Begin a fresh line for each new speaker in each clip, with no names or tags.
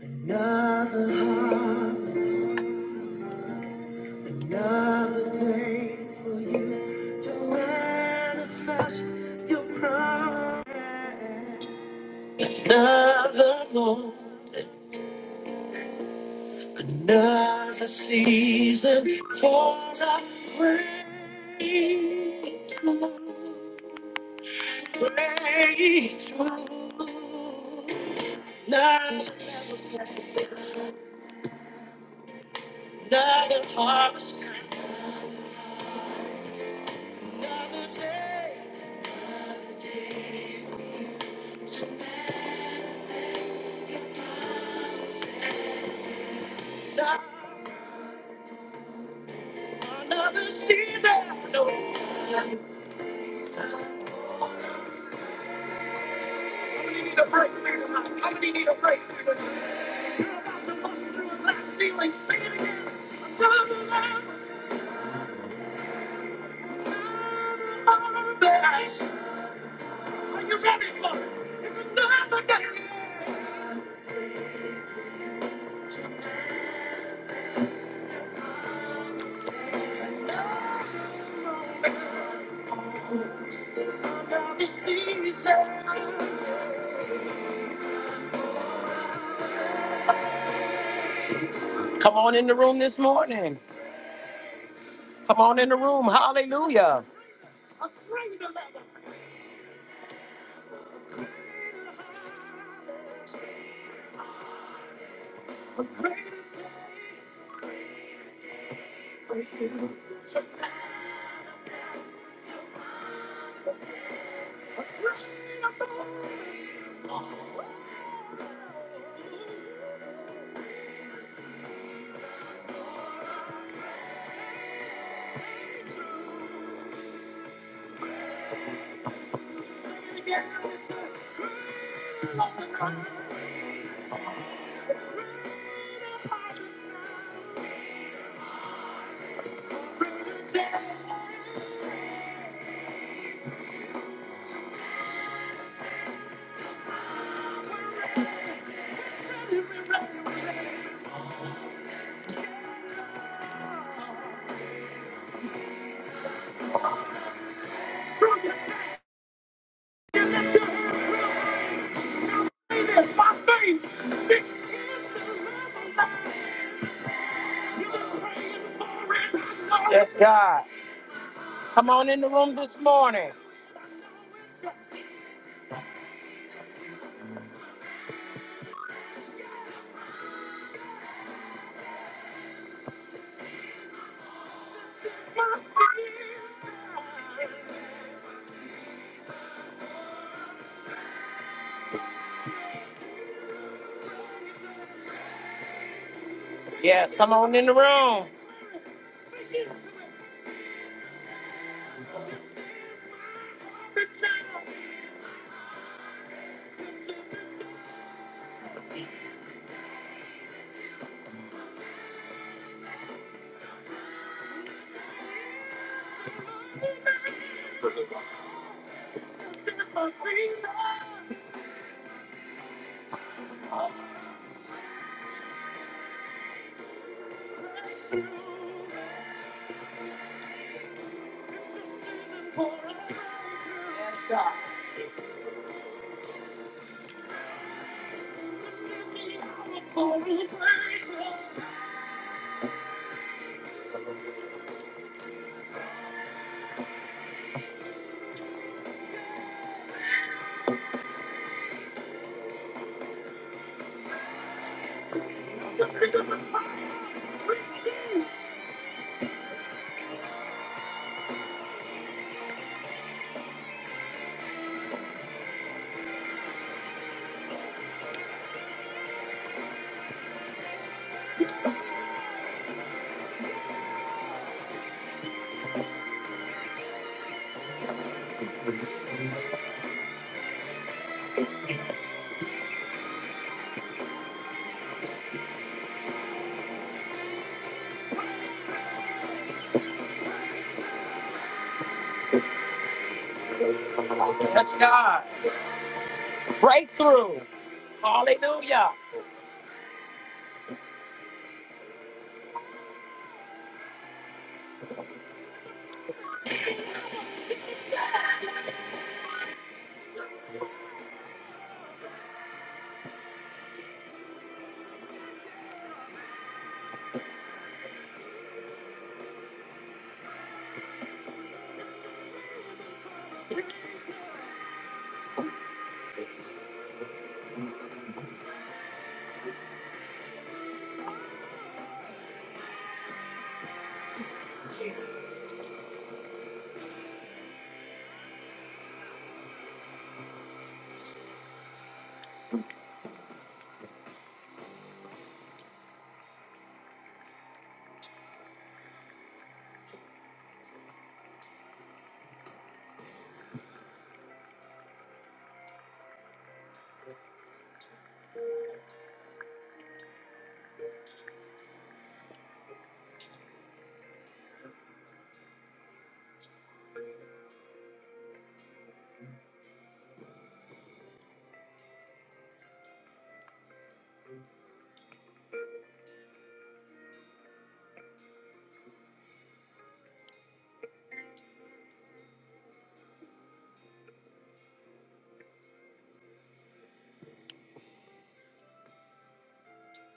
Another harvest, another day for you to manifest your promise. Another moment, another season for the breakthrough. Breakthrough. Another, another harvest, another day, another day. for you. Another season. No. Another season. How many need a breakthrough tonight? How many need a breakthrough tonight? You're about to bust through a glass ceiling. Sing it again. Another level, another place. Are you ready for it? It's another day. Season. You lift your hands real high. Say this by faith. This is the revelation. Yes, God. Come on in the room this morning. Yes, come on in the room. Yes, God. Breakthrough. Hallelujah.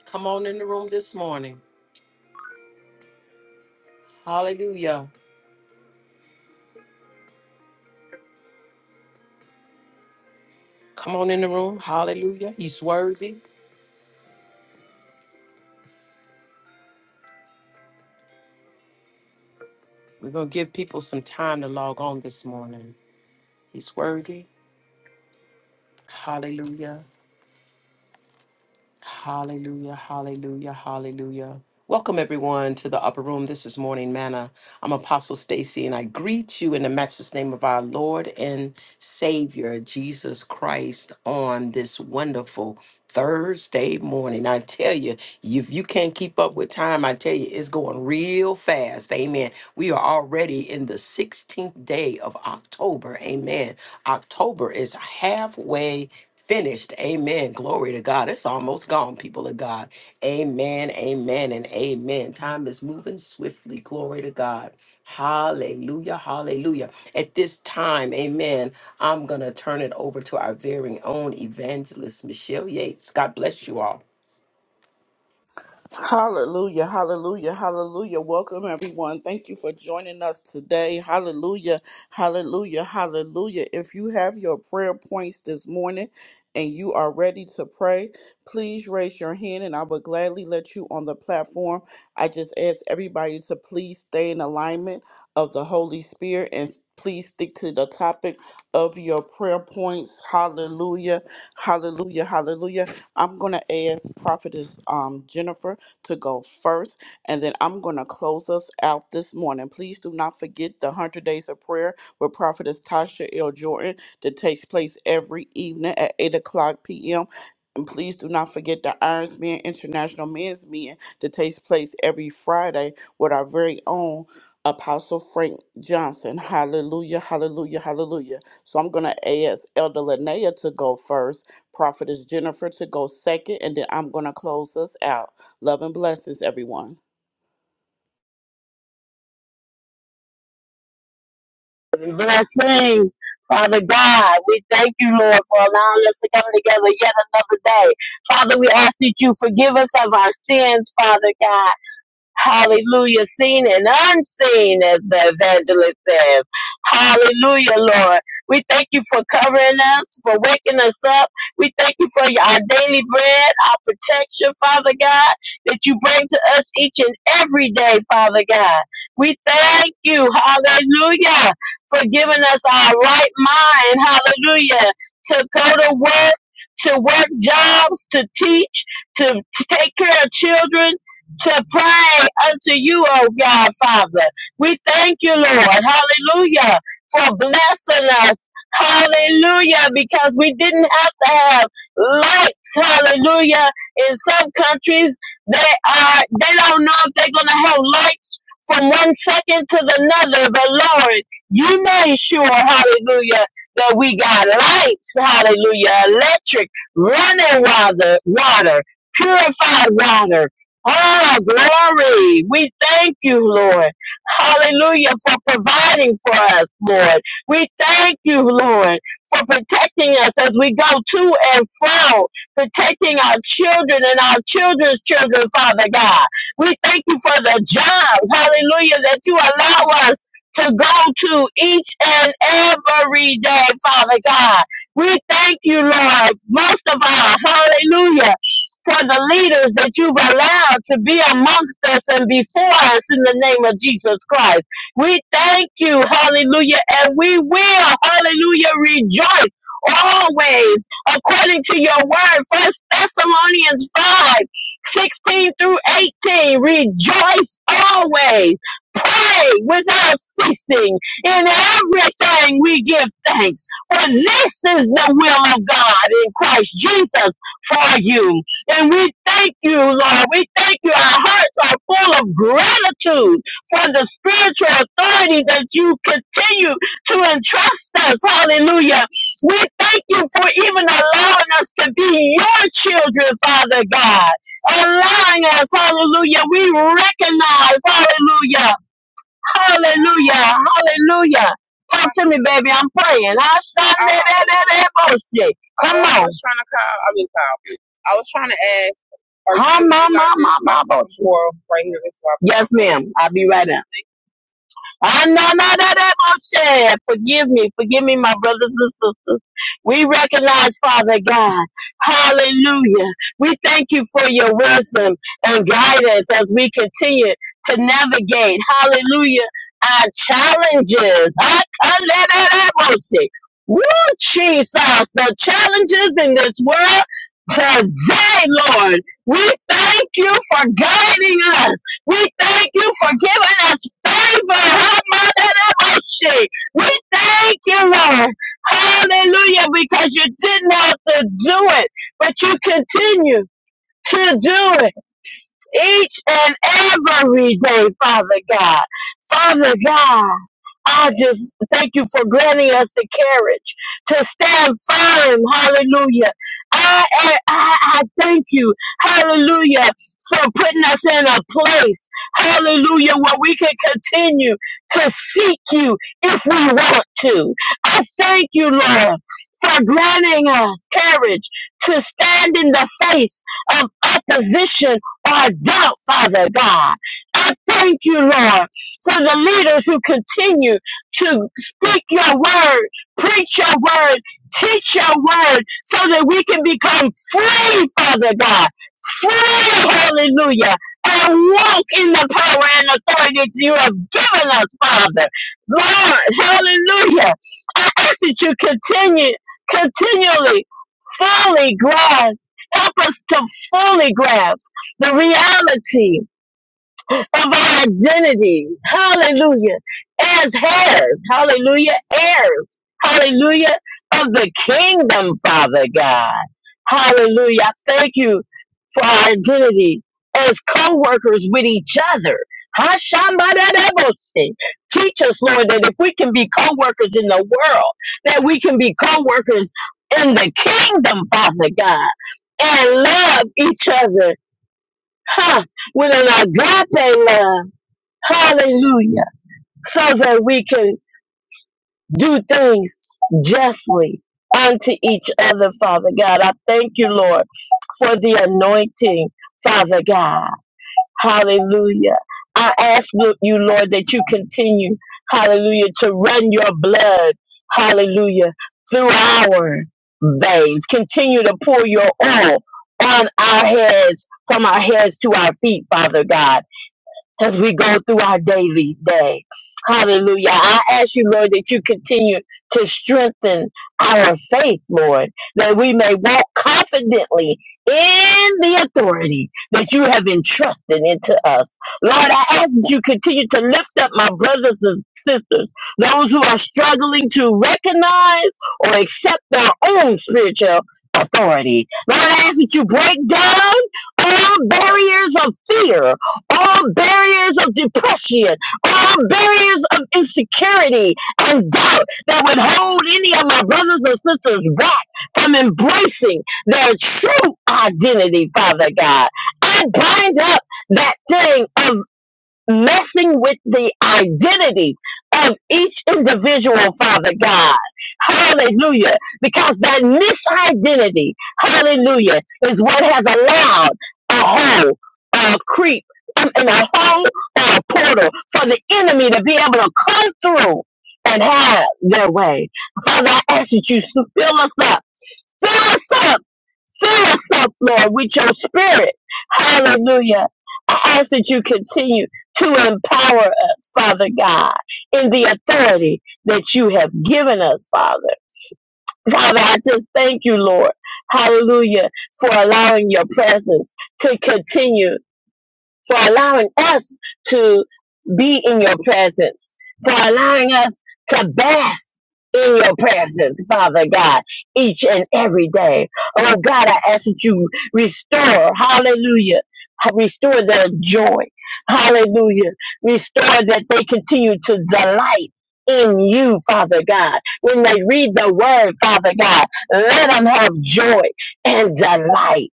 Come on in the room this morning. Hallelujah. Come on. Hallelujah. He's worthy. We're going to give people some time to log on this morning. He's worthy. Hallelujah. Hallelujah, hallelujah, hallelujah. Welcome everyone to the upper room. This is Morning Manna. I'm Apostle Stacy and I greet you in the matchless name of our Lord and Savior Jesus Christ on this wonderful Thursday morning. I tell you, if you can't keep up with time, I tell you, it's going real fast. Amen. We are already in the 16th day of October. Amen. October is halfway finished. Amen. Glory to God. It's almost gone, people of God. Amen, amen, and amen. Time is moving swiftly. Glory to God. Hallelujah, hallelujah. At this time, amen, I'm going to turn it over to our very own evangelist, Michelle Yates. God bless you all.
Hallelujah, hallelujah, hallelujah. Welcome, everyone. Thank you for joining us today. Hallelujah, hallelujah, hallelujah. If you have your prayer points this morning and you are ready to pray, please raise your hand and I will gladly let you on the platform. I just ask everybody to please stay in alignment of the Holy Spirit and please stick to the topic of your prayer points. Hallelujah, hallelujah, hallelujah. I'm going to ask Prophetess um, Jennifer to go first. And then I'm going to close us out this morning. Please do not forget the 100 Days of Prayer with Prophetess Tasha L. Jordan that takes place every evening at 8 o'clock p.m. And please do not forget the Irons Men International Men's Meeting that takes place every Friday with our very own Apostle Frank Johnson. Hallelujah, hallelujah, hallelujah. So I'm going to ask Elder Linnea to go first, Prophetess Jennifer to go second, and then I'm going to close us out. Love and blessings, everyone.
Blessings, Father God. We thank you, Lord, for allowing us to come together yet another day. Father, we ask that you forgive us of our sins, Father God. Hallelujah, seen and unseen, as the evangelist says. Hallelujah, Lord. We thank you for covering us, for waking us up. We thank you for our daily bread, our protection, Father God, that you bring to us each and every day, Father God. We thank you, hallelujah, for giving us our right mind, hallelujah, to go to work, to work jobs, to teach, to to take care of children, to pray unto you, O God, Father. We thank you, Lord. Hallelujah. For blessing us. Hallelujah. Because we didn't have to have lights. Hallelujah. In some countries, they are, they don't know if they're going to have lights from one second to the another. But Lord, you made sure, hallelujah, that we got lights. Hallelujah. Electric, running water, water, purified water Oh, glory. We thank you, Lord. Hallelujah for providing for us, Lord. We thank you, Lord, for protecting us as we go to and fro, protecting our children and our children's children, Father God. We thank you for the jobs, hallelujah, that you allow us to go to each and every day, Father God. We thank you, Lord, most of all, hallelujah for the leaders that you've allowed to be amongst us and before us in the name of Jesus Christ. We thank you, hallelujah, and we will, hallelujah, rejoice always according to your word. First Thessalonians 5 16 through 18. Rejoice always. Pray without ceasing. In everything we give thanks. For this is the will of God in Christ Jesus for you. And we thank you, Lord. We thank you. Our hearts are full of gratitude for the spiritual authority that you continue to entrust us. Hallelujah. We thank you for even allowing us to be your children, Father God. Allowing us, hallelujah. We recognize, hallelujah, hallelujah, hallelujah. Talk to me, baby. I'm praying. I I, Come I I- I- I- Come on. I was trying to call. I mean, call. I was trying to ask. Or you Huh, can ma, reserve ma, this ma, room ma, tomorrow right here in Swap Yes, ma'am. I'll be right in. Ananadadaboshe. Forgive me. Forgive me, my brothers and sisters. We recognize, Father God. Hallelujah. We thank you for your wisdom and guidance as we continue to navigate. Hallelujah. Our challenges. Akanadadaboshe. Woo, Jesus. The challenges in this world today, Lord. We thank you for guiding us. We thank you for giving us favor. ha ma da We thank you, Lord. Hallelujah, because you didn't have to do it, but you continue to do it each and every day, Father God. Father God, I just thank you for granting us the courage to stand firm. Hallelujah. I, I, I I thank you. Hallelujah. For putting us in a place. Hallelujah. Where we can continue to seek you if we want to. I thank you, Lord, for granting us courage to stand in the face of opposition or doubt, Father God. I thank you, Lord, for the leaders who continue to speak your word, preach your word, teach your word, so that we can become free, Father God. Free, hallelujah, and walk in the power and authority that you have given us, Father. Lord, hallelujah. I ask that you continue, continually, fully grasp. Help us to fully grasp the reality of our identity. Hallelujah. As heirs. Hallelujah. Heirs. Hallelujah. Of the kingdom, Father God. Hallelujah. I Thank you for our identity as co-workers with each other. Hashamadadabose. Teach us, Lord, that if we can be co-workers in the world, that we can be co-workers in the kingdom, Father God, and love each other huh, with an agape love, hallelujah, so that we can do things justly unto each other, Father God. I thank you, Lord, for the anointing, Father God, hallelujah. I ask you, Lord, that you continue, hallelujah, to run your blood, hallelujah, through our veins. Continue to pour your oil on our heads, from our heads to our feet, Father God as we go through our daily day. Hallelujah. I ask you, Lord, that you continue to strengthen our faith, Lord, that we may walk confidently in the authority that you have entrusted into us. Lord, I ask that you continue to lift up my brothers and sisters, those who are struggling to recognize or accept their own spiritual authority. Lord, I ask that you break down all barriers of fear all barriers of depression, all barriers of insecurity and doubt that would hold any of my brothers and sisters back from embracing their true identity, Father God. I bind up that thing of messing with the identities of each individual, Father God. Hallelujah. Because that misidentity, hallelujah, is what has allowed a hole, a creep, um, and a hole or a portal for the enemy to be able to come through and have their way. Father, I ask that you fill us up Fill us up. Fill us up, Lord, with your spirit. Hallelujah. I ask that you continue to empower us, Father God, in the authority that you have given us, Father. Father, I just thank you, Lord. Hallelujah, for allowing your presence to continue for allowing us to be in your presence, for allowing us to bask in your presence, Father God, each and every day. Oh God, I ask that you restore, hallelujah, restore their joy, hallelujah, restore that they continue to delight. In you, Father God. When they read the word, Father God, let them have joy and delight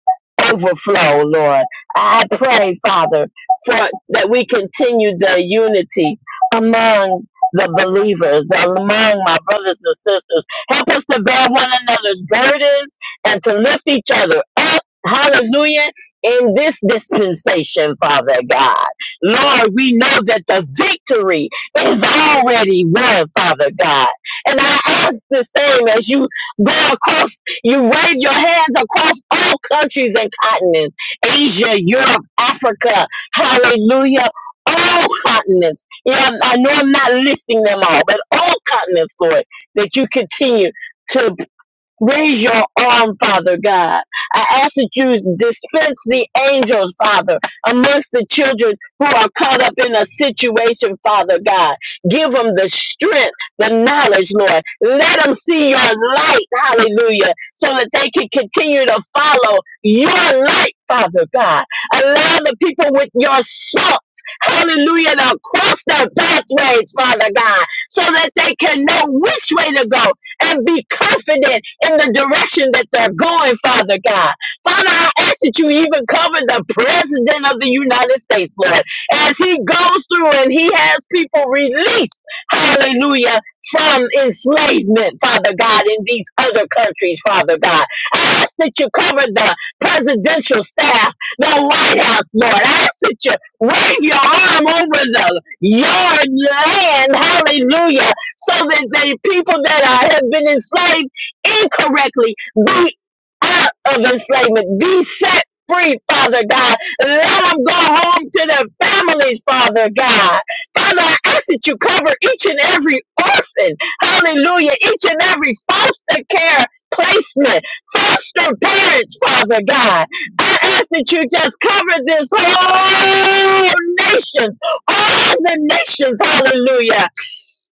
overflow, Lord. I pray, Father, for that we continue the unity among the believers, the- among my brothers and sisters. Help us to bear one another's burdens and to lift each other up. Hallelujah. In this dispensation, Father God. Lord, we know that the victory is already won, Father God. And I ask the same as you go across, you wave your hands across all countries and continents. Asia, Europe, Africa, hallelujah, all continents. Yeah, I know I'm not listing them all, but all continents, Lord, that you continue. to. Raise your arm, Father God. I ask that you dispense the angels, Father, amongst the children who are caught up in a situation, Father God. Give them the strength, the knowledge, Lord. Let them see your light, hallelujah, so that they can continue to follow your light, Father God. Allow the people with your salt. Hallelujah, to cross their pathways, Father God, so that they can know which way to go and be confident in the direction that they're going, Father God. Father, I ask that you even cover the President of the United States, Lord, as he goes through and he has people released, hallelujah, from enslavement, Father God, in these other countries, Father God. I ask that you cover the presidential staff, the White House, Lord. I ask that you wave your arm over the yard land, hallelujah so that the people that are, have been enslaved incorrectly be out of enslavement, be set free, Father God. Let them go home to their families, Father God. Father, I ask that you cover each and every orphan, hallelujah, each and every foster care placement, foster parents, Father God. I ask that you just cover this whole nation, all the nations, hallelujah.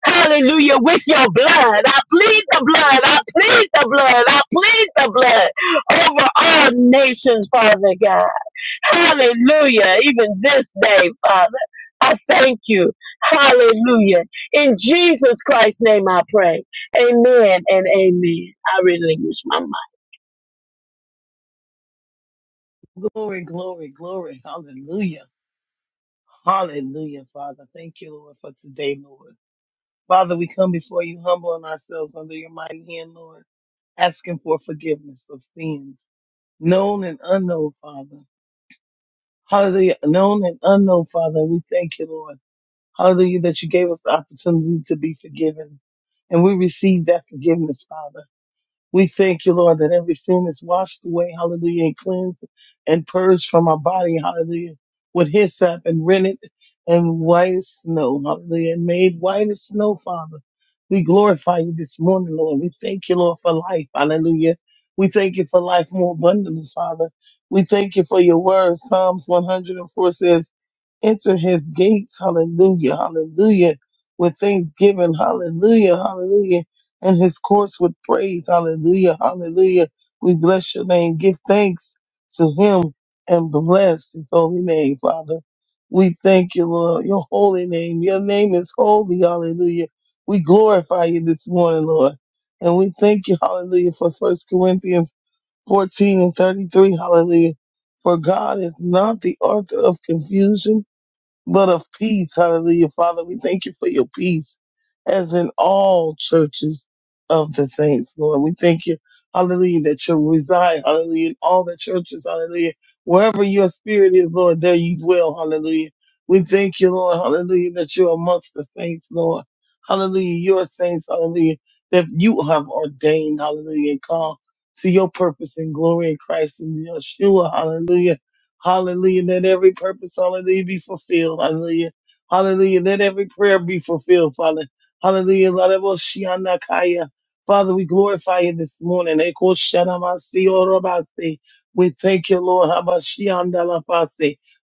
Hallelujah. With your blood. I plead the blood. I plead the blood. I plead the blood over all nations, Father God. Hallelujah. Even this day, Father. I thank you. Hallelujah. In Jesus Christ's name I pray. Amen and amen. I relinquish my mind.
Glory, glory, glory. Hallelujah. Hallelujah, Father. Thank you, Lord, for today, Lord. Father, we come before you humbling ourselves under your mighty hand, Lord, asking for forgiveness of sins, known and unknown, Father. Hallelujah. Known and unknown, Father. We thank you, Lord. Hallelujah, that you gave us the opportunity to be forgiven. And we receive that forgiveness, Father. We thank you, Lord, that every sin is washed away, hallelujah, and cleansed and purged from our body, hallelujah, with hyssop and rennet and white as snow, hallelujah, and made white as snow, Father. We glorify you this morning, Lord. We thank you, Lord, for life, hallelujah. We thank you for life more abundantly, Father. We thank you for your word. Psalms 104 says, enter his gates, hallelujah, hallelujah, with thanksgiving, hallelujah, hallelujah, and his courts with praise, hallelujah, hallelujah. We bless your name. Give thanks to him and bless his holy name, Father. We thank you, Lord, your holy name. Your name is holy, hallelujah. We glorify you this morning, Lord. And we thank you, hallelujah, for First Corinthians 14 and 33, hallelujah. For God is not the author of confusion, but of peace, hallelujah. Father, we thank you for your peace, as in all churches of the saints, Lord. We thank you, hallelujah, that you reside, hallelujah, in all the churches, hallelujah. Wherever your spirit is, Lord, there you dwell, hallelujah. We thank you, Lord, hallelujah, that you're amongst the saints, Lord. Hallelujah, your saints, hallelujah, that you have ordained, hallelujah, and called to your purpose and glory in Christ and Yeshua, hallelujah. Hallelujah. Let every purpose, hallelujah, be fulfilled. Hallelujah. Hallelujah. Let every prayer be fulfilled, Father. Hallelujah. Lord, I will see Father, we glorify you this morning. Eko shana masi We thank you, Lord. Habashi anda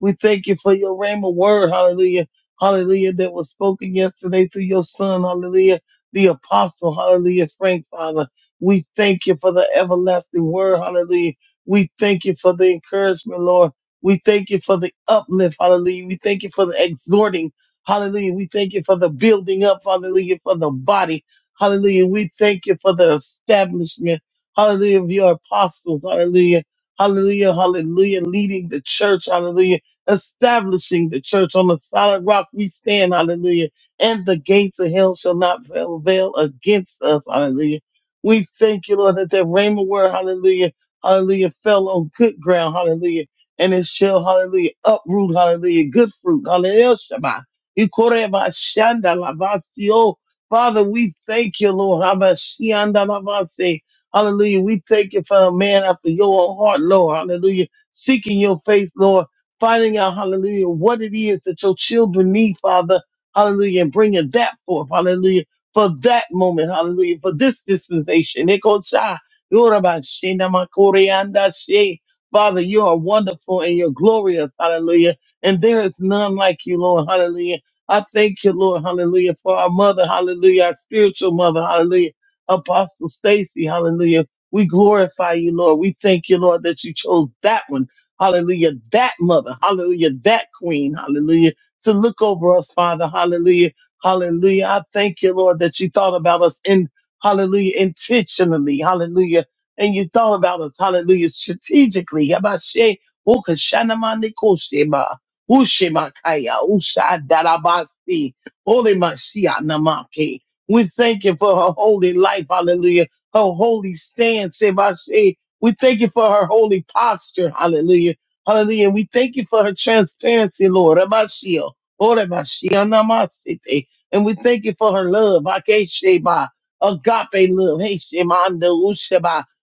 We thank you for your rhema word. Hallelujah. Hallelujah. That was spoken yesterday through your son. Hallelujah. The apostle. Hallelujah. Frank, Father. We thank you for the everlasting word. Hallelujah. We thank you for the encouragement, Lord. We thank you for the uplift, hallelujah. We thank you for the exhorting, hallelujah. We thank you for the building up, hallelujah, for the body, hallelujah. We thank you for the establishment, hallelujah, of your apostles, hallelujah, hallelujah, hallelujah, leading the church, hallelujah, establishing the church on the solid rock we stand, hallelujah. And the gates of hell shall not prevail against us, hallelujah. We thank you, Lord, that the rhema word, hallelujah, hallelujah, fell on good ground, hallelujah and it shall, hallelujah, uproot, hallelujah, good fruit, hallelujah, Shema. Ikoreba shanda lavasio. Father, we thank you, Lord. Habashianda lavase. Hallelujah. We thank you for a man after your own heart, Lord. Hallelujah. Seeking your face, Lord. Finding out, hallelujah, what it is that your children need, Father. Hallelujah. And bringing that forth, hallelujah, for that moment, hallelujah, for this dispensation. Ikosha. Yorabashinamakoreandashe. Father, you are wonderful and you're glorious. Hallelujah. And there is none like you, Lord. Hallelujah. I thank you, Lord. Hallelujah. For our mother. Hallelujah. Our spiritual mother. Hallelujah. Apostle Stacy. Hallelujah. We glorify you, Lord. We thank you, Lord, that you chose that one. Hallelujah. That mother. Hallelujah. That queen. Hallelujah. To look over us, Father. Hallelujah. Hallelujah. I thank you, Lord, that you thought about us in Hallelujah. Intentionally. Hallelujah and you thought about us, hallelujah, strategically. Yabashe, ukashanamandikosheba, ushemakaya, ushadarabasi, Holy Mashiach namake. We thank you for her holy life, hallelujah, her holy stance, Sebashe. We thank you for her holy posture, hallelujah, hallelujah. We thank you for her transparency, Lord, Rabashio, Orabashio namasite. And we thank you for her love, Akesheba, agape love, Heshemanda,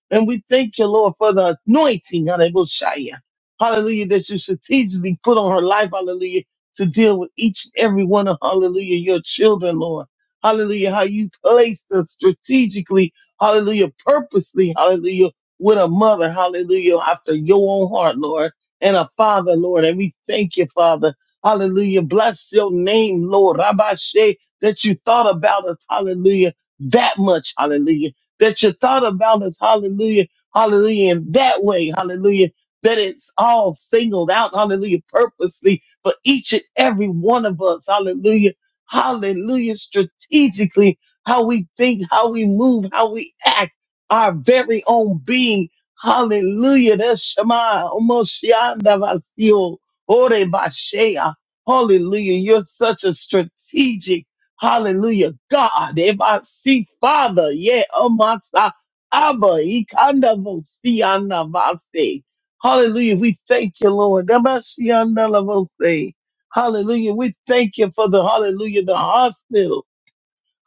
and we thank you, Lord, for the anointing, hallelujah. Hallelujah, that you strategically put on her life, hallelujah, to deal with each and every one of, hallelujah, your children, Lord. Hallelujah, how you placed us strategically, hallelujah, purposely, hallelujah, with a mother, hallelujah, after your own heart, Lord, and a father, Lord. And we thank you, Father. Hallelujah. Bless your name, Lord. Rabbi Shea, that you thought about us, hallelujah, that much, hallelujah that you thought about us. Hallelujah. Hallelujah. In that way. Hallelujah. That it's all singled out. Hallelujah. Purposely for each and every one of us. Hallelujah. Hallelujah. Strategically, how we think, how we move, how we act, our very own being. Hallelujah. That's Shema. Omoshiandavasio. Ore Bashea. Hallelujah. You're such a strategic. Hallelujah. God, if I see Father, yeah, Amasa, Abba, Ikanda Vosiana Vase. Hallelujah. We thank you, Lord. Damashianda Lavose. Hallelujah. We thank you for the hallelujah, the hospital.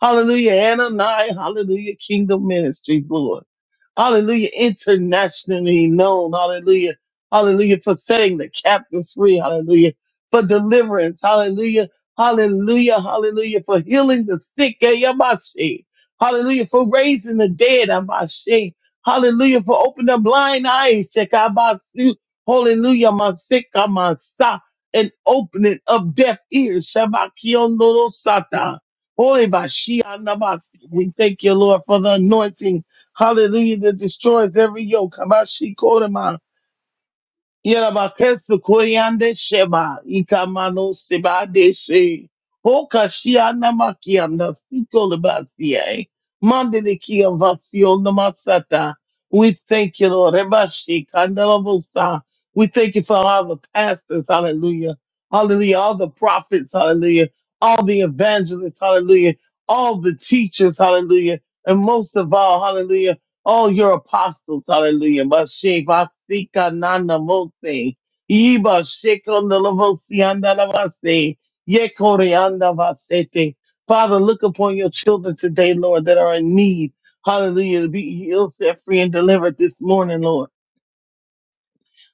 Hallelujah. Ananias. Hallelujah. Kingdom ministry, Lord. Hallelujah. Internationally known. Hallelujah. Hallelujah. For setting the captives free. Hallelujah. For deliverance. Hallelujah. Hallelujah. Hallelujah. For healing the sick. Yeah, yeah, my shit. Hallelujah. For raising the dead. yeah, my shit. Hallelujah. For opening the blind eyes. Check out my suit. Hallelujah. My sick. I'm my stop. And opening of deaf ears. Shabakion Sata. Holy Bashi. We thank you, Lord, for the anointing Hallelujah, that destroys every yoke. Kabashi Kodama. Yarabakesu Koryande Sheba. Ikamano Seba Deshe. Hokashiana Makiana Siko Lebasie. Mandeliki Vasio Namasata. We thank you, Lord. Rebashi Kandalabosa. We thank you for all the pastors. Hallelujah. Hallelujah. All the prophets. Hallelujah. All the evangelists. Hallelujah. All the teachers. Hallelujah. And most of all, hallelujah all your apostles, hallelujah. Masheba sika nana mose. Iba shekon anda lavase, Yekore shikondalabosiandalabase. Yekoreandabasete. Father, look upon your children today, Lord, that are in need. Hallelujah. To be healed, set free, and delivered this morning, Lord.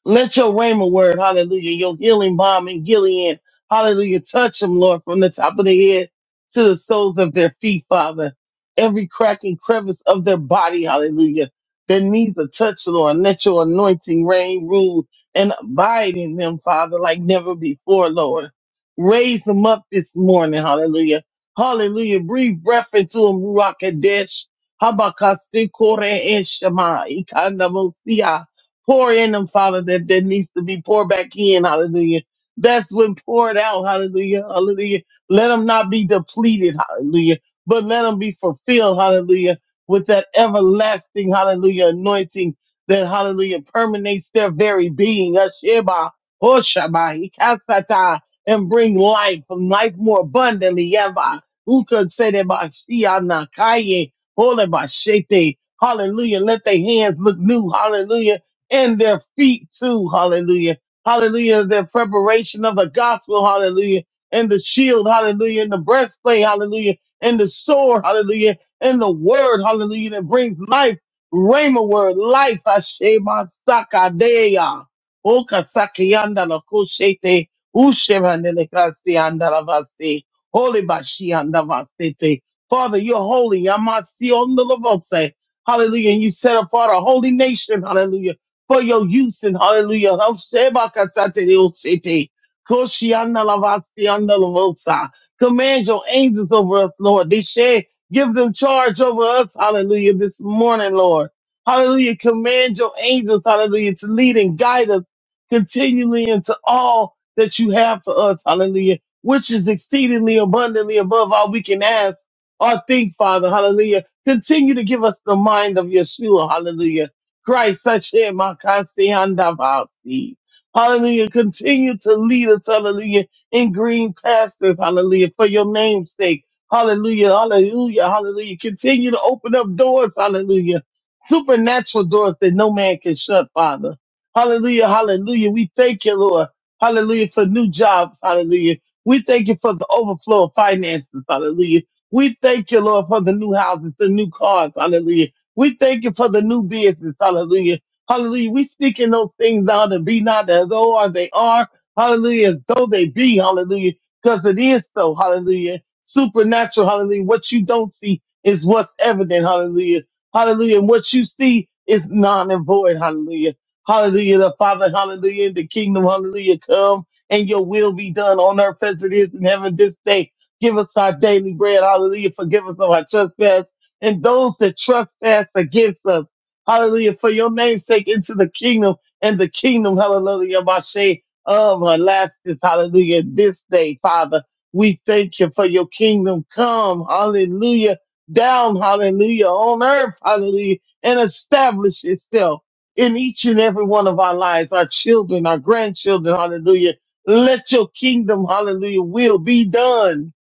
Let your rhema word, hallelujah, your healing balm in Gilead, hallelujah, touch them, Lord, from the top of their head to the soles of their feet, Father. Every crack and crevice of their body, hallelujah. Their knees are touched, Lord. Let your anointing reign, rule, and abide in them, Father, like never before, Lord. Raise them up this morning, hallelujah. Hallelujah. Breathe breath into them, Ruach Kadesh. Habakasi Kore Eshema, Ikanda Pour in them, Father, that, that needs to be poured back in. Hallelujah. That's when poured out. Hallelujah. Hallelujah. Let them not be depleted. Hallelujah. But let them be fulfilled. Hallelujah. With that everlasting, hallelujah, anointing that, hallelujah, permeates their very being. Asheba, Hoshaba, Ikasata, and bring life, life more abundantly. Yaba, Uka, Sede, Bashia, Nakaye, Hole, Bashete, Hallelujah. Let their hands look new. Hallelujah and their feet too. Hallelujah. Hallelujah. Their preparation of the gospel. Hallelujah. And the shield. Hallelujah. And the breastplate. Hallelujah. And the sword. Hallelujah. And the word. Hallelujah. That brings life. Rhema word. Life. Ashema sakadeya. Oka sakiyanda la kushete. Ushemanele kasiyanda la vasi. Holy bashianda vasete. Father, you're holy. Yamasi on the Hallelujah. And you set apart a holy nation. Hallelujah for your use in hallelujah. Oh, Sheba, Katate, Hoshebakatateosete, lavosa. Command your angels over us, Lord. They share, give them charge over us, hallelujah, this morning, Lord. Hallelujah. Command your angels, hallelujah, to lead and guide us continually into all that you have for us, hallelujah, which is exceedingly abundantly above all we can ask or think, Father, hallelujah. Continue to give us the mind of Yeshua, hallelujah. Christ, Sashay, Makasi, Handavasi. Hallelujah. Continue to lead us, hallelujah, in green pastures, hallelujah, for your name's sake. Hallelujah, hallelujah, hallelujah. Continue to open up doors, hallelujah. Supernatural doors that no man can shut, Father. Hallelujah, hallelujah. We thank you, Lord. Hallelujah, for new jobs, hallelujah. We thank you for the overflow of finances, hallelujah. We thank you, Lord, for the new houses, the new cars, hallelujah. We thank you for the new business. Hallelujah. Hallelujah. We speaking those things out and be not as though are they are. Hallelujah. As though they be. Hallelujah. Because it is so. Hallelujah. Supernatural. Hallelujah. What you don't see is what's evident. Hallelujah. Hallelujah. And what you see is non and void. Hallelujah. Hallelujah. The Father. Hallelujah. The kingdom. Hallelujah. Come and your will be done on earth as it is in heaven this day. Give us our daily bread. Hallelujah. Forgive us of our trespasses and those that trespass against us. Hallelujah. For your name's sake into the kingdom and the kingdom, hallelujah, Mashe of Alaskas, hallelujah. This day, Father, we thank you for your kingdom come, hallelujah, down, hallelujah, on earth, hallelujah, and establish itself in each and every one of our lives, our children, our grandchildren, hallelujah. Let your kingdom, hallelujah, will be done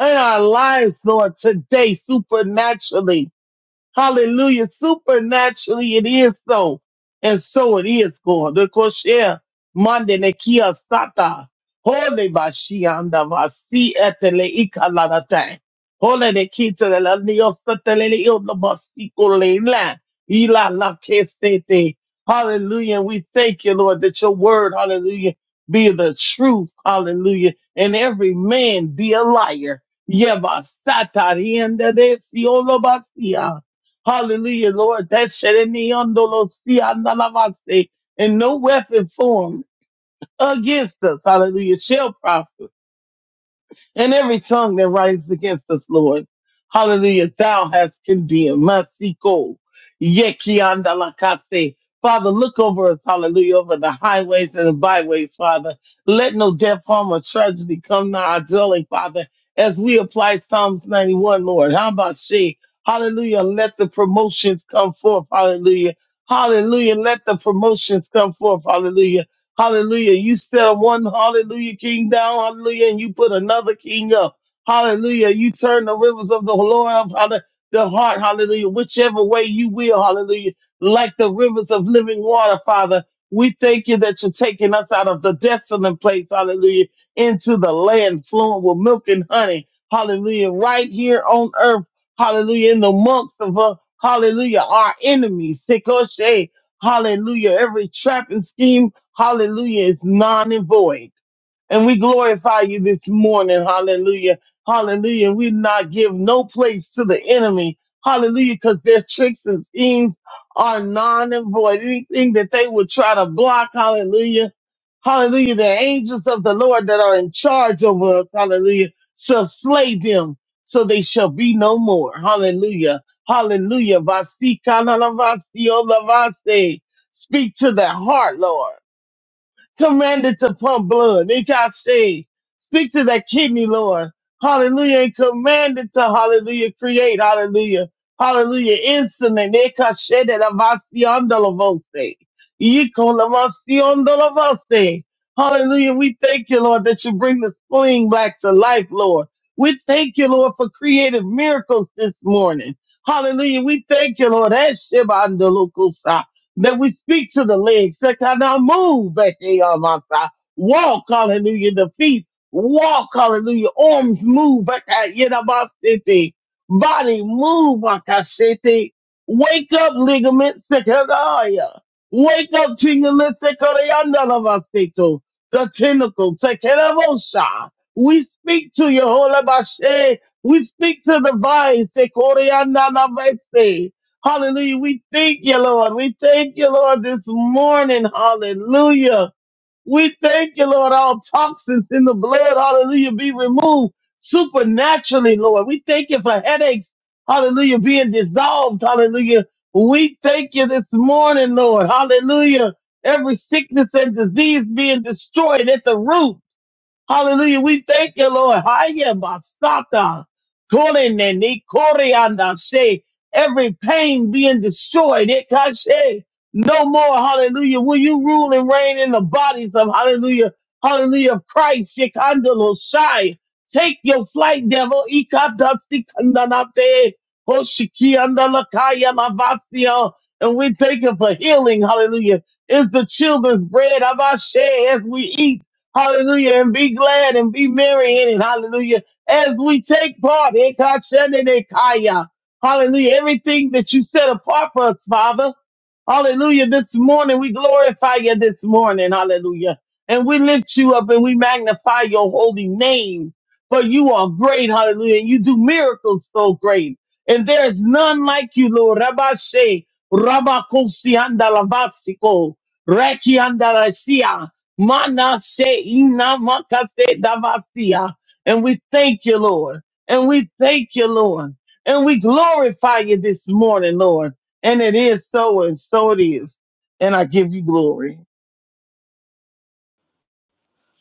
in our lives, Lord, today, supernaturally. Hallelujah. Supernaturally it is so. And so it is, God. The kosher mande nekia sata. Holy bashianda vasi etele ikalanate. Holy nekita la niosatele ioblabasikole la. Ila la kesete. Hallelujah. And we thank you, Lord, that your word, hallelujah, be the truth. Hallelujah. And every man be a liar. Yeva satarienda de siolobasia. Hallelujah, Lord. That shed me on And no weapon formed against us, hallelujah, shall prosper and every tongue that rises against us, Lord. Hallelujah. Thou hast condemned. Masiko. Yekiandalakase. Father, look over us, hallelujah, over the highways and the byways, Father. Let no death, harm, or tragedy come nigh our dwelling, Father, as we apply Psalms 91, Lord. How about she? Hallelujah. Let the promotions come forth, hallelujah. Hallelujah. Let the promotions come forth, hallelujah. Hallelujah. You set one hallelujah king down. Hallelujah. And you put another king up. Hallelujah. You turn the rivers of the Lord of hallelujah, the heart. Hallelujah. Whichever way you will. Hallelujah. Like the rivers of living water, Father. We thank you that you're taking us out of the desolate place. Hallelujah. Into the land flowing with milk and honey. Hallelujah. Right here on earth. Hallelujah. In the months of uh, hallelujah, our enemies. Tikoshe. Hallelujah. Every trap and scheme. Hallelujah is non and void. And we glorify you this morning. Hallelujah. Hallelujah. We not give no place to the enemy. Hallelujah. Cause their tricks and schemes are non and void. Anything that they would try to block. Hallelujah. Hallelujah. The angels of the Lord that are in charge over us. Hallelujah. Shall slay them so they shall be no more. Hallelujah. Hallelujah. Vasi kana la o la Speak to their heart, Lord commanded to pump blood. Nikai stay. Stick to that kidney, Lord. Hallelujah. And commanded to hallelujah. Create. Hallelujah. Hallelujah. Insulin. Nikai shed that avaciondolovoste. Yikolavaciondolovoste. Hallelujah. We thank you, Lord, that you bring the spleen back to life, Lord. We thank you, Lord, for creative miracles this morning. Hallelujah. We thank you, Lord. Eshibandolukusa that we speak to the legs, that cannot move, that they are my side. Walk, hallelujah, the feet. Walk, hallelujah, arms move, that I- you my city. Body move, like I city. Wake up, ligaments, that can I, yeah. Wake up, tingling, that can I, none of us, they too. The tentacles, that can I, We speak to your holy Bashe. We speak to the vines, that can I, none of us, they. Hallelujah. We thank you, Lord. We thank you, Lord, this morning. Hallelujah. We thank you, Lord, all toxins in the blood. Hallelujah. Be removed supernaturally, Lord. We thank you for headaches. Hallelujah. Being dissolved. Hallelujah. We thank you this morning, Lord. Hallelujah. Every sickness and disease being destroyed at the root. Hallelujah. We thank you, Lord. Haya basata. Kolene ni koreanda she. Every pain being destroyed. Ikashe. No more. Hallelujah. Will you rule and reign in the bodies of hallelujah. Hallelujah. of Christ. Shikandalo shai. Take your flight, devil. Ikata sikandanate. Hoshikiandalakaya lavasio. And we thank you for healing. Hallelujah. Is the children's bread. Abashe as we eat. Hallelujah. And be glad and be merry in it. Hallelujah. As we take part. Ekashenenekaya. Hallelujah. Everything that you set apart for us, Father. Hallelujah. This morning, we glorify you this morning. Hallelujah. And we lift you up and we magnify your holy name. For you are great. Hallelujah. And you do miracles so great. And there is none like you, Lord. Rabashe, Rabakosi andalavasiko, Reki andalashia, Manashe inamakase davasia. And we thank you, Lord. And we thank you, Lord. And we glorify you this morning, Lord. And it is so, and so it is. And I give you glory.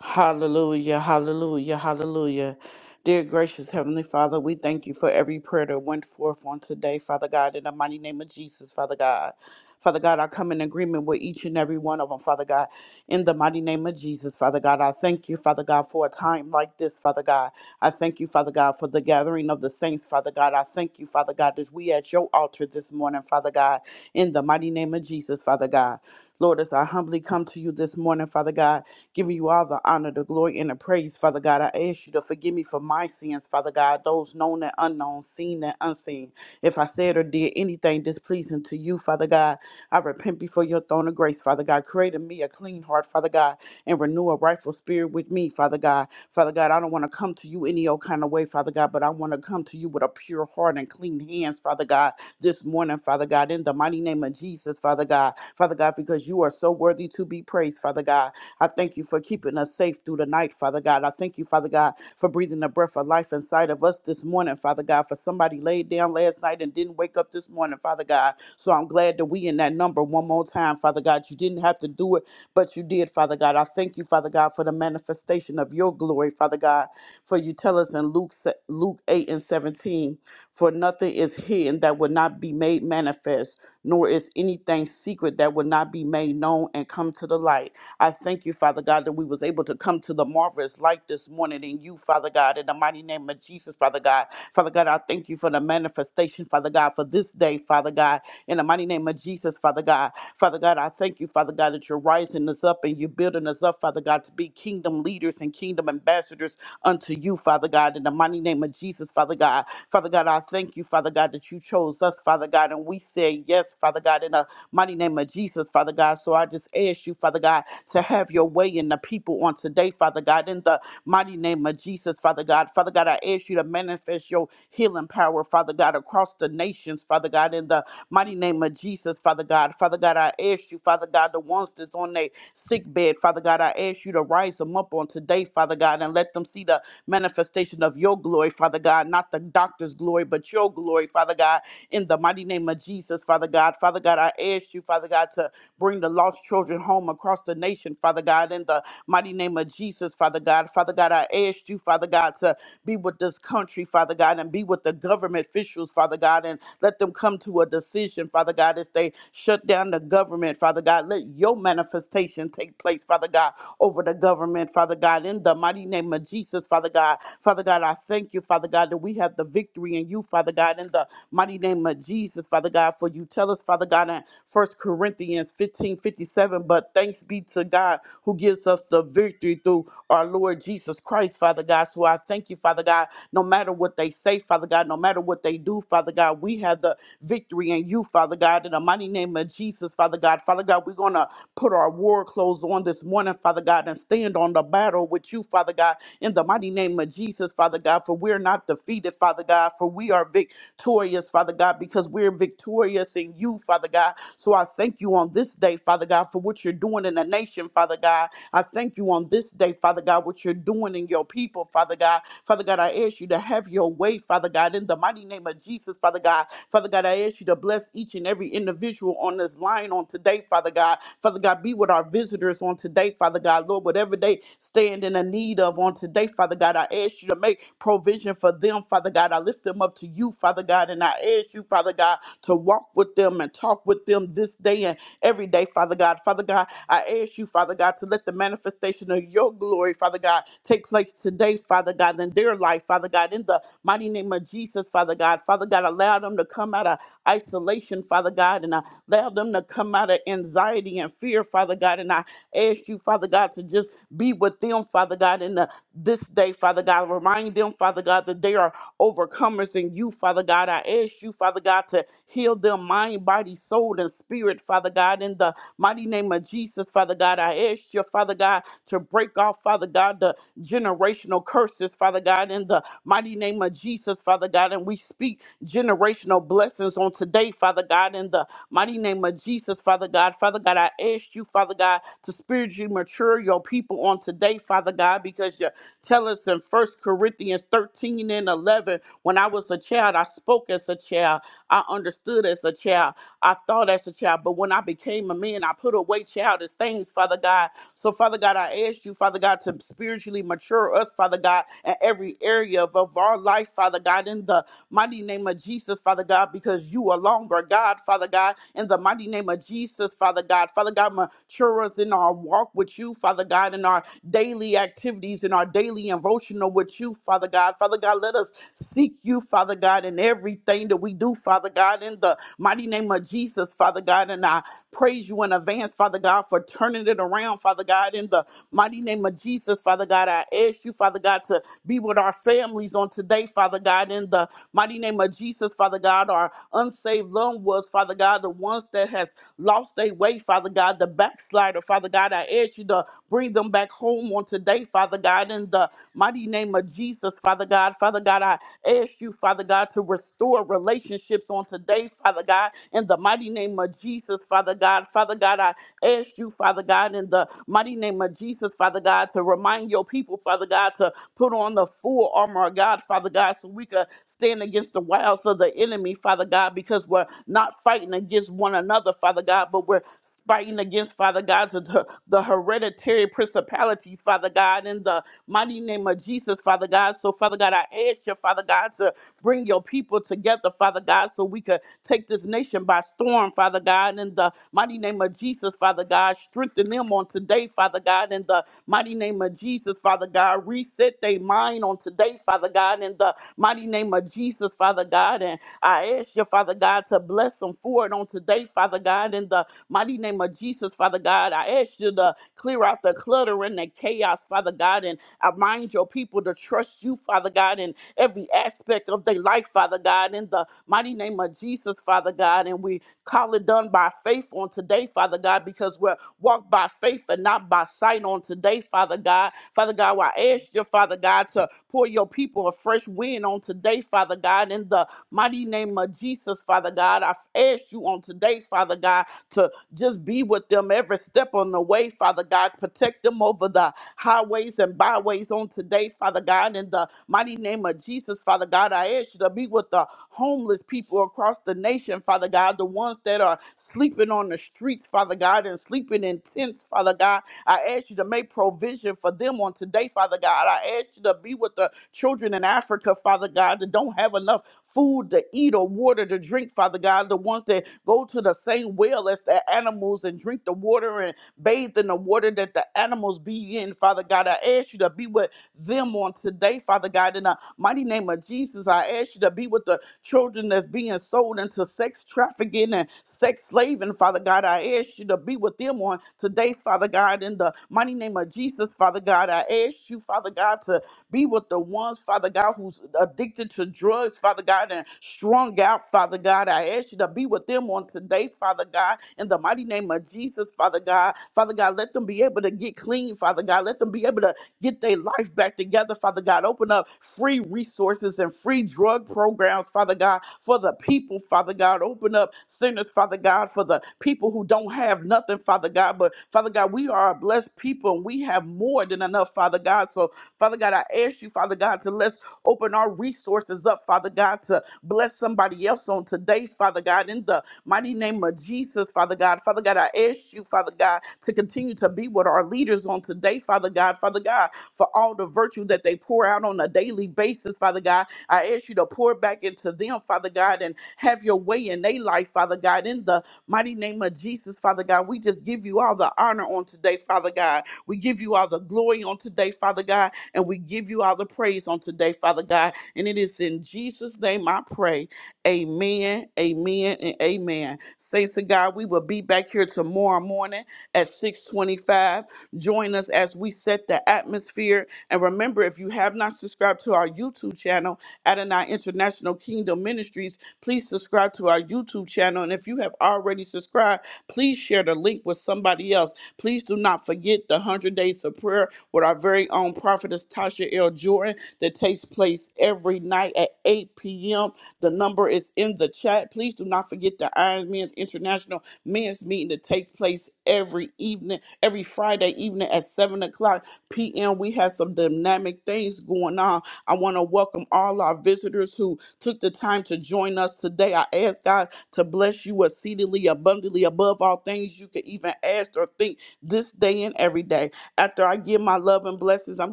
Hallelujah, hallelujah, hallelujah. Dear gracious Heavenly Father, we thank you for every prayer that went forth on today, Father God, in the mighty name of Jesus, Father God. Father God, I come in agreement with each and every one of them, Father God, in the mighty name of Jesus, Father God. I thank you, Father God, for a time like this, Father God. I thank you, Father God, for the gathering of the saints, Father God. I thank you, Father God, that we at your altar this morning, Father God, in the mighty name of Jesus, Father God. Lord, as I humbly come to you this morning, Father God giving you all the honor, the glory, and the praise, Father God. I ask you to forgive me for my sins, Father God, those known and unknown, seen and unseen. If I said or did anything displeasing to you, Father God, I repent before your throne of grace, Father God. Create in me a clean heart, Father God, and renew a rightful spirit with me, Father God. Father God, I don't want to come to you any old kind of way, Father God, but I want to come to you with a pure heart and clean hands, Father God, this morning, Father God, in the mighty name of Jesus, Father God. Father God, because you are so worthy to be praised, Father God. I thank you for keeping us safe through the night, Father God. I thank you, Father God, for breathing the breath of life inside of us this morning, Father God. For somebody laid down last night and didn't wake up this morning, Father God. So I'm glad that we in that number one more time, Father God. You didn't have to do it, but you did, Father God. I thank you, Father God, for the manifestation of your glory, Father God. For you tell us in Luke se- Luke 8 and 17, for nothing is hidden that would not be made manifest, nor is anything secret that would not be made known and come to the light. I thank you, Father God, that we was able to come to the marvelous light this morning in you, Father God, in the mighty name of Jesus, Father God. Father God, I thank you for the manifestation, Father God, for this day, Father God, in the mighty name of Jesus, Father God. Father God, I thank you, Father God, that you're rising us up and you're building us up, Father God, to be kingdom leaders and kingdom ambassadors unto you, Father God, in the mighty name of Jesus, Father God. Father God, I thank you, Father God, that you chose us, Father God, and we say yes, Father God, in a mighty name of Jesus, Father God. So I just ask you, Father God, to have your way in the people on today, Father God, in the mighty name of Jesus, Father God. Father God, I ask you to manifest your healing power, Father God, across the nations, Father God, in the mighty name of Jesus, Father God. Father God, I ask you, Father God, the ones that's on their sick bed. Father God, I ask you to rise them up on today, Father God, and let them see the manifestation of your glory, Father God, not the doctor's glory, but your glory, Father God, in the mighty name of Jesus, Father God. Father God, I ask you, Father God, to bring the lost children home across the nation, Father. Father God, in the mighty name of Jesus, Father God. Father God, I asked you, Father God, to be with this country, Father God, and be with the government officials, Father God, and let them come to a decision, Father God, as they shut down the government, Father God. Let your manifestation take place, Father God, over the government, Father God, in the mighty name of Jesus, Father God. Father God, I thank you, Father God, that we have the victory in you, Father God, in the mighty name of Jesus, Father God, for you tell us, Father God, in First Corinthians 15 57. but thanks be to God who gives us the victory through our Lord Jesus Christ, Father God. So I thank you, Father God, no matter what they say, Father God, no matter what they do, Father God, we have the victory in you, Father God, in the mighty name of Jesus, Father God. Father God, we're going to Put our war clothes on this morning, Father God, and stand on the battle with you, Father God, in the mighty name of Jesus, Father God, for we're not defeated, Father God, for we are victorious, Father God, because we're victorious in you, Father God. So I thank you on this day, Father God, for what you're doing in the nation, Father God. I thank you on this day, Father God, what you're doing in your people, Father God. Father God, I ask you to have your way, Father God, in the mighty name of Jesus, Father God. Father God, I ask you to bless each and every individual on this line on today, Father God. Father God, be with our visitors on today, Father God. Lord, whatever they stand in a need of on today, Father God, I ask you to make provision for them, Father God. I lift them up to you, Father God, and I ask you, Father God, to walk with them and talk with them this day and every day, Father God. Father God, I ask you, Father God, to let the manifestation of your glory, Father God, take place today, Father God, in their life, Father God, in the mighty name of Jesus, Father God. Father God, allow them to come out of isolation, Father God, and uh, Allow them to come out of anxiety and fear, Father God. And I ask you, Father God, to just be with them, Father God, in the, this day, Father God. Remind them, Father God, that they are overcomers in you, Father God. I ask you, Father God, to heal them mind, body, soul, and spirit, Father God. In the mighty name of Jesus, Father God, I ask you, Father God, to break off, Father God, the generational curses, Father God, in the mighty name of Jesus, Father God. And we speak generational blessings on today, Father God, in the mighty name of Jesus, Father God. Father God, I ask you, Father God, to spiritually mature your people on today, Father God, because you tell us in First Corinthians 13 and 11, when I was a child, I spoke as a child, I understood as a child. I thought as a child, but when I became a man, I put away childish things, Father God. So, Father God, I ask you, Father God, to spiritually mature us, Father God, in every area of, of our life, Father God, in the mighty name of Jesus, Father God, because you alone are God, Father God, in the mighty name of Jesus, Father God. Father God, mature us in our walk with you, Father God, in our daily activities, in our daily devotion devotional with you, Father God. Father God, let us seek you, Father God, in everything that we do, Father God, in the mighty name of Jesus, Father God. And I praise you in advance, Father God, for turning it around, Father God, in the mighty name of Jesus, Father God. I ask you, Father God, to be with our families on today, Father God, in the mighty name of Jesus, Father God, our unsaved loved ones, Father God, the ones that has lost their way, Father God, the backslider, Father God. I ask you to bring them back home on today, Father God, in the mighty name of Jesus, Father God. Father God, I ask you, Father God, to restore relationships on today, Father God, in the mighty name of Jesus, Father God. Father God, I ask you, Father God, in the mighty name of Jesus, Father God, to remind your people, Father God, to Put on the full armor of God, Father God, so we could stand against the wiles of the enemy, Father God, because we're not fighting against one another, Father God, but we're fighting against, Father God, the, the hereditary principalities, Father God, in the mighty name of Jesus, Father God. So, Father God, I ask you, Father God, to bring your people together, Father God, so we could take this nation by storm, Father God, in the mighty name of Jesus, Father God. Strengthen them on today, Father God, in the mighty name of Jesus, Father God. Reset their mind on today, Father God, in the mighty name of Jesus, Father God. And I ask you, Father God, to bless them for it on today, Father God, in the mighty name of Jesus, Father God. I ask you to clear out the clutter and the chaos, Father God, and I mind your people to trust you, Father God, in every aspect of their life, Father God, in the mighty name of Jesus, Father God. And we Call it done by faith on today, Father God, because we're walked by faith and not by sight on today, Father God. Father God, well, I ask you, Father God, to pour your people a fresh wind on today, Father God, in the Mighty name of Jesus, Father God. I ask you on today, Father God, to just be with them every step on the way, Father God. Protect them over the highways and byways on today, Father God. In the mighty name of Jesus, Father God, I ask you to be with the homeless people across the nation, Father God, the ones that that are sleeping on the streets, Father God, and sleeping in tents, Father God. I ask you to make provision for them on today, Father God. I ask you to be with the children in Africa, Father God, that don't have enough food to eat or water to drink, Father God. The ones that go to the same well as the animals and drink the water and bathe in the water that the animals be in, Father God. I ask you to be with them on today, Father God. In the mighty name of Jesus, I ask you to be with the children that's being sold into sex trafficking and sex slaving, Father God. I ask you to be with them on today, Father God. In the mighty name of Jesus, Father God, I ask you, Father God, to be with the ones, Father God, who's addicted to drugs, Father God, and strung out, Father God. I ask you to be with them on today, Father God, in the mighty name of Jesus, Father God. Father God, let them be able to get clean, Father God. Let them be able to get their life back together, Father God. Open up free resources and free drug programs, Father God, for the people, Father God. Open up centers, Father God, for the people who don't have nothing, Father God. But Father God, we are a blessed people and we have more than enough, Father God. So Father God, I ask you, Father God, to let's open our resources up, Father God, to bless somebody else on today, Father God, in the mighty name of Jesus, Father God. Father God, I ask you, Father God, to continue to be with our leaders on today, Father God, Father God, for all the virtue that they pour out on a daily basis, Father God. I ask you to pour back into them, Father God, and have your way in their life, Father God, in the mighty name of Jesus, Father God. We just give you all the honor on today, Father God. We give you all the glory on today, Father God and we give you all the praise on today, Father God. And it is in Jesus' name I pray. Amen, amen, and amen. Thanks to God, we will be back here tomorrow morning at 625. Join us as we set the atmosphere. And remember, if you have not subscribed to our YouTube channel, Adonai International Kingdom Ministries, please subscribe to our YouTube channel. And if you have already subscribed, please share the link with somebody else. Please do not forget the 100 Days of Prayer with our very own prophetess Tasha L. Jordan that takes place every night at 8 p.m. The number is in the chat. Please do not forget the Iron Men's International Men's Meeting that takes place every evening, every Friday evening at 7 o'clock p.m. We have some dynamic things going on. I want to welcome all our visitors who took the time to join us today. I ask God to bless you exceedingly abundantly above all things you could even ask or think this day and every day. After I give my love and blessings, I'm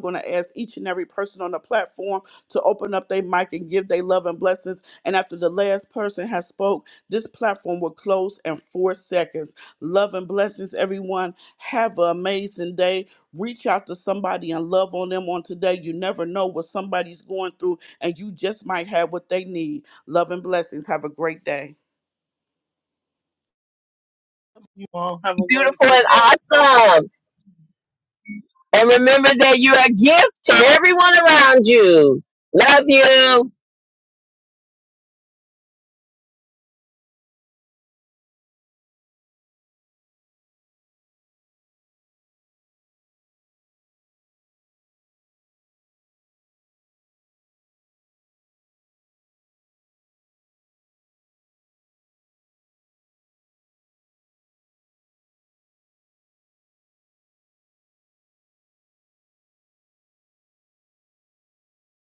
going to ask each and every person on the platform to open up their mic and give their love and blessings. And after the last person has spoke, this platform will close in four seconds. Love and blessings, everyone. Have an amazing day. Reach out to somebody and love on them on today. You never know what somebody's going through, and you just might have what they need. Love and blessings. Have a great day.
You all have a
Beautiful
wonderful
and
day.
awesome. And remember that you're a gift to everyone around you. Love you.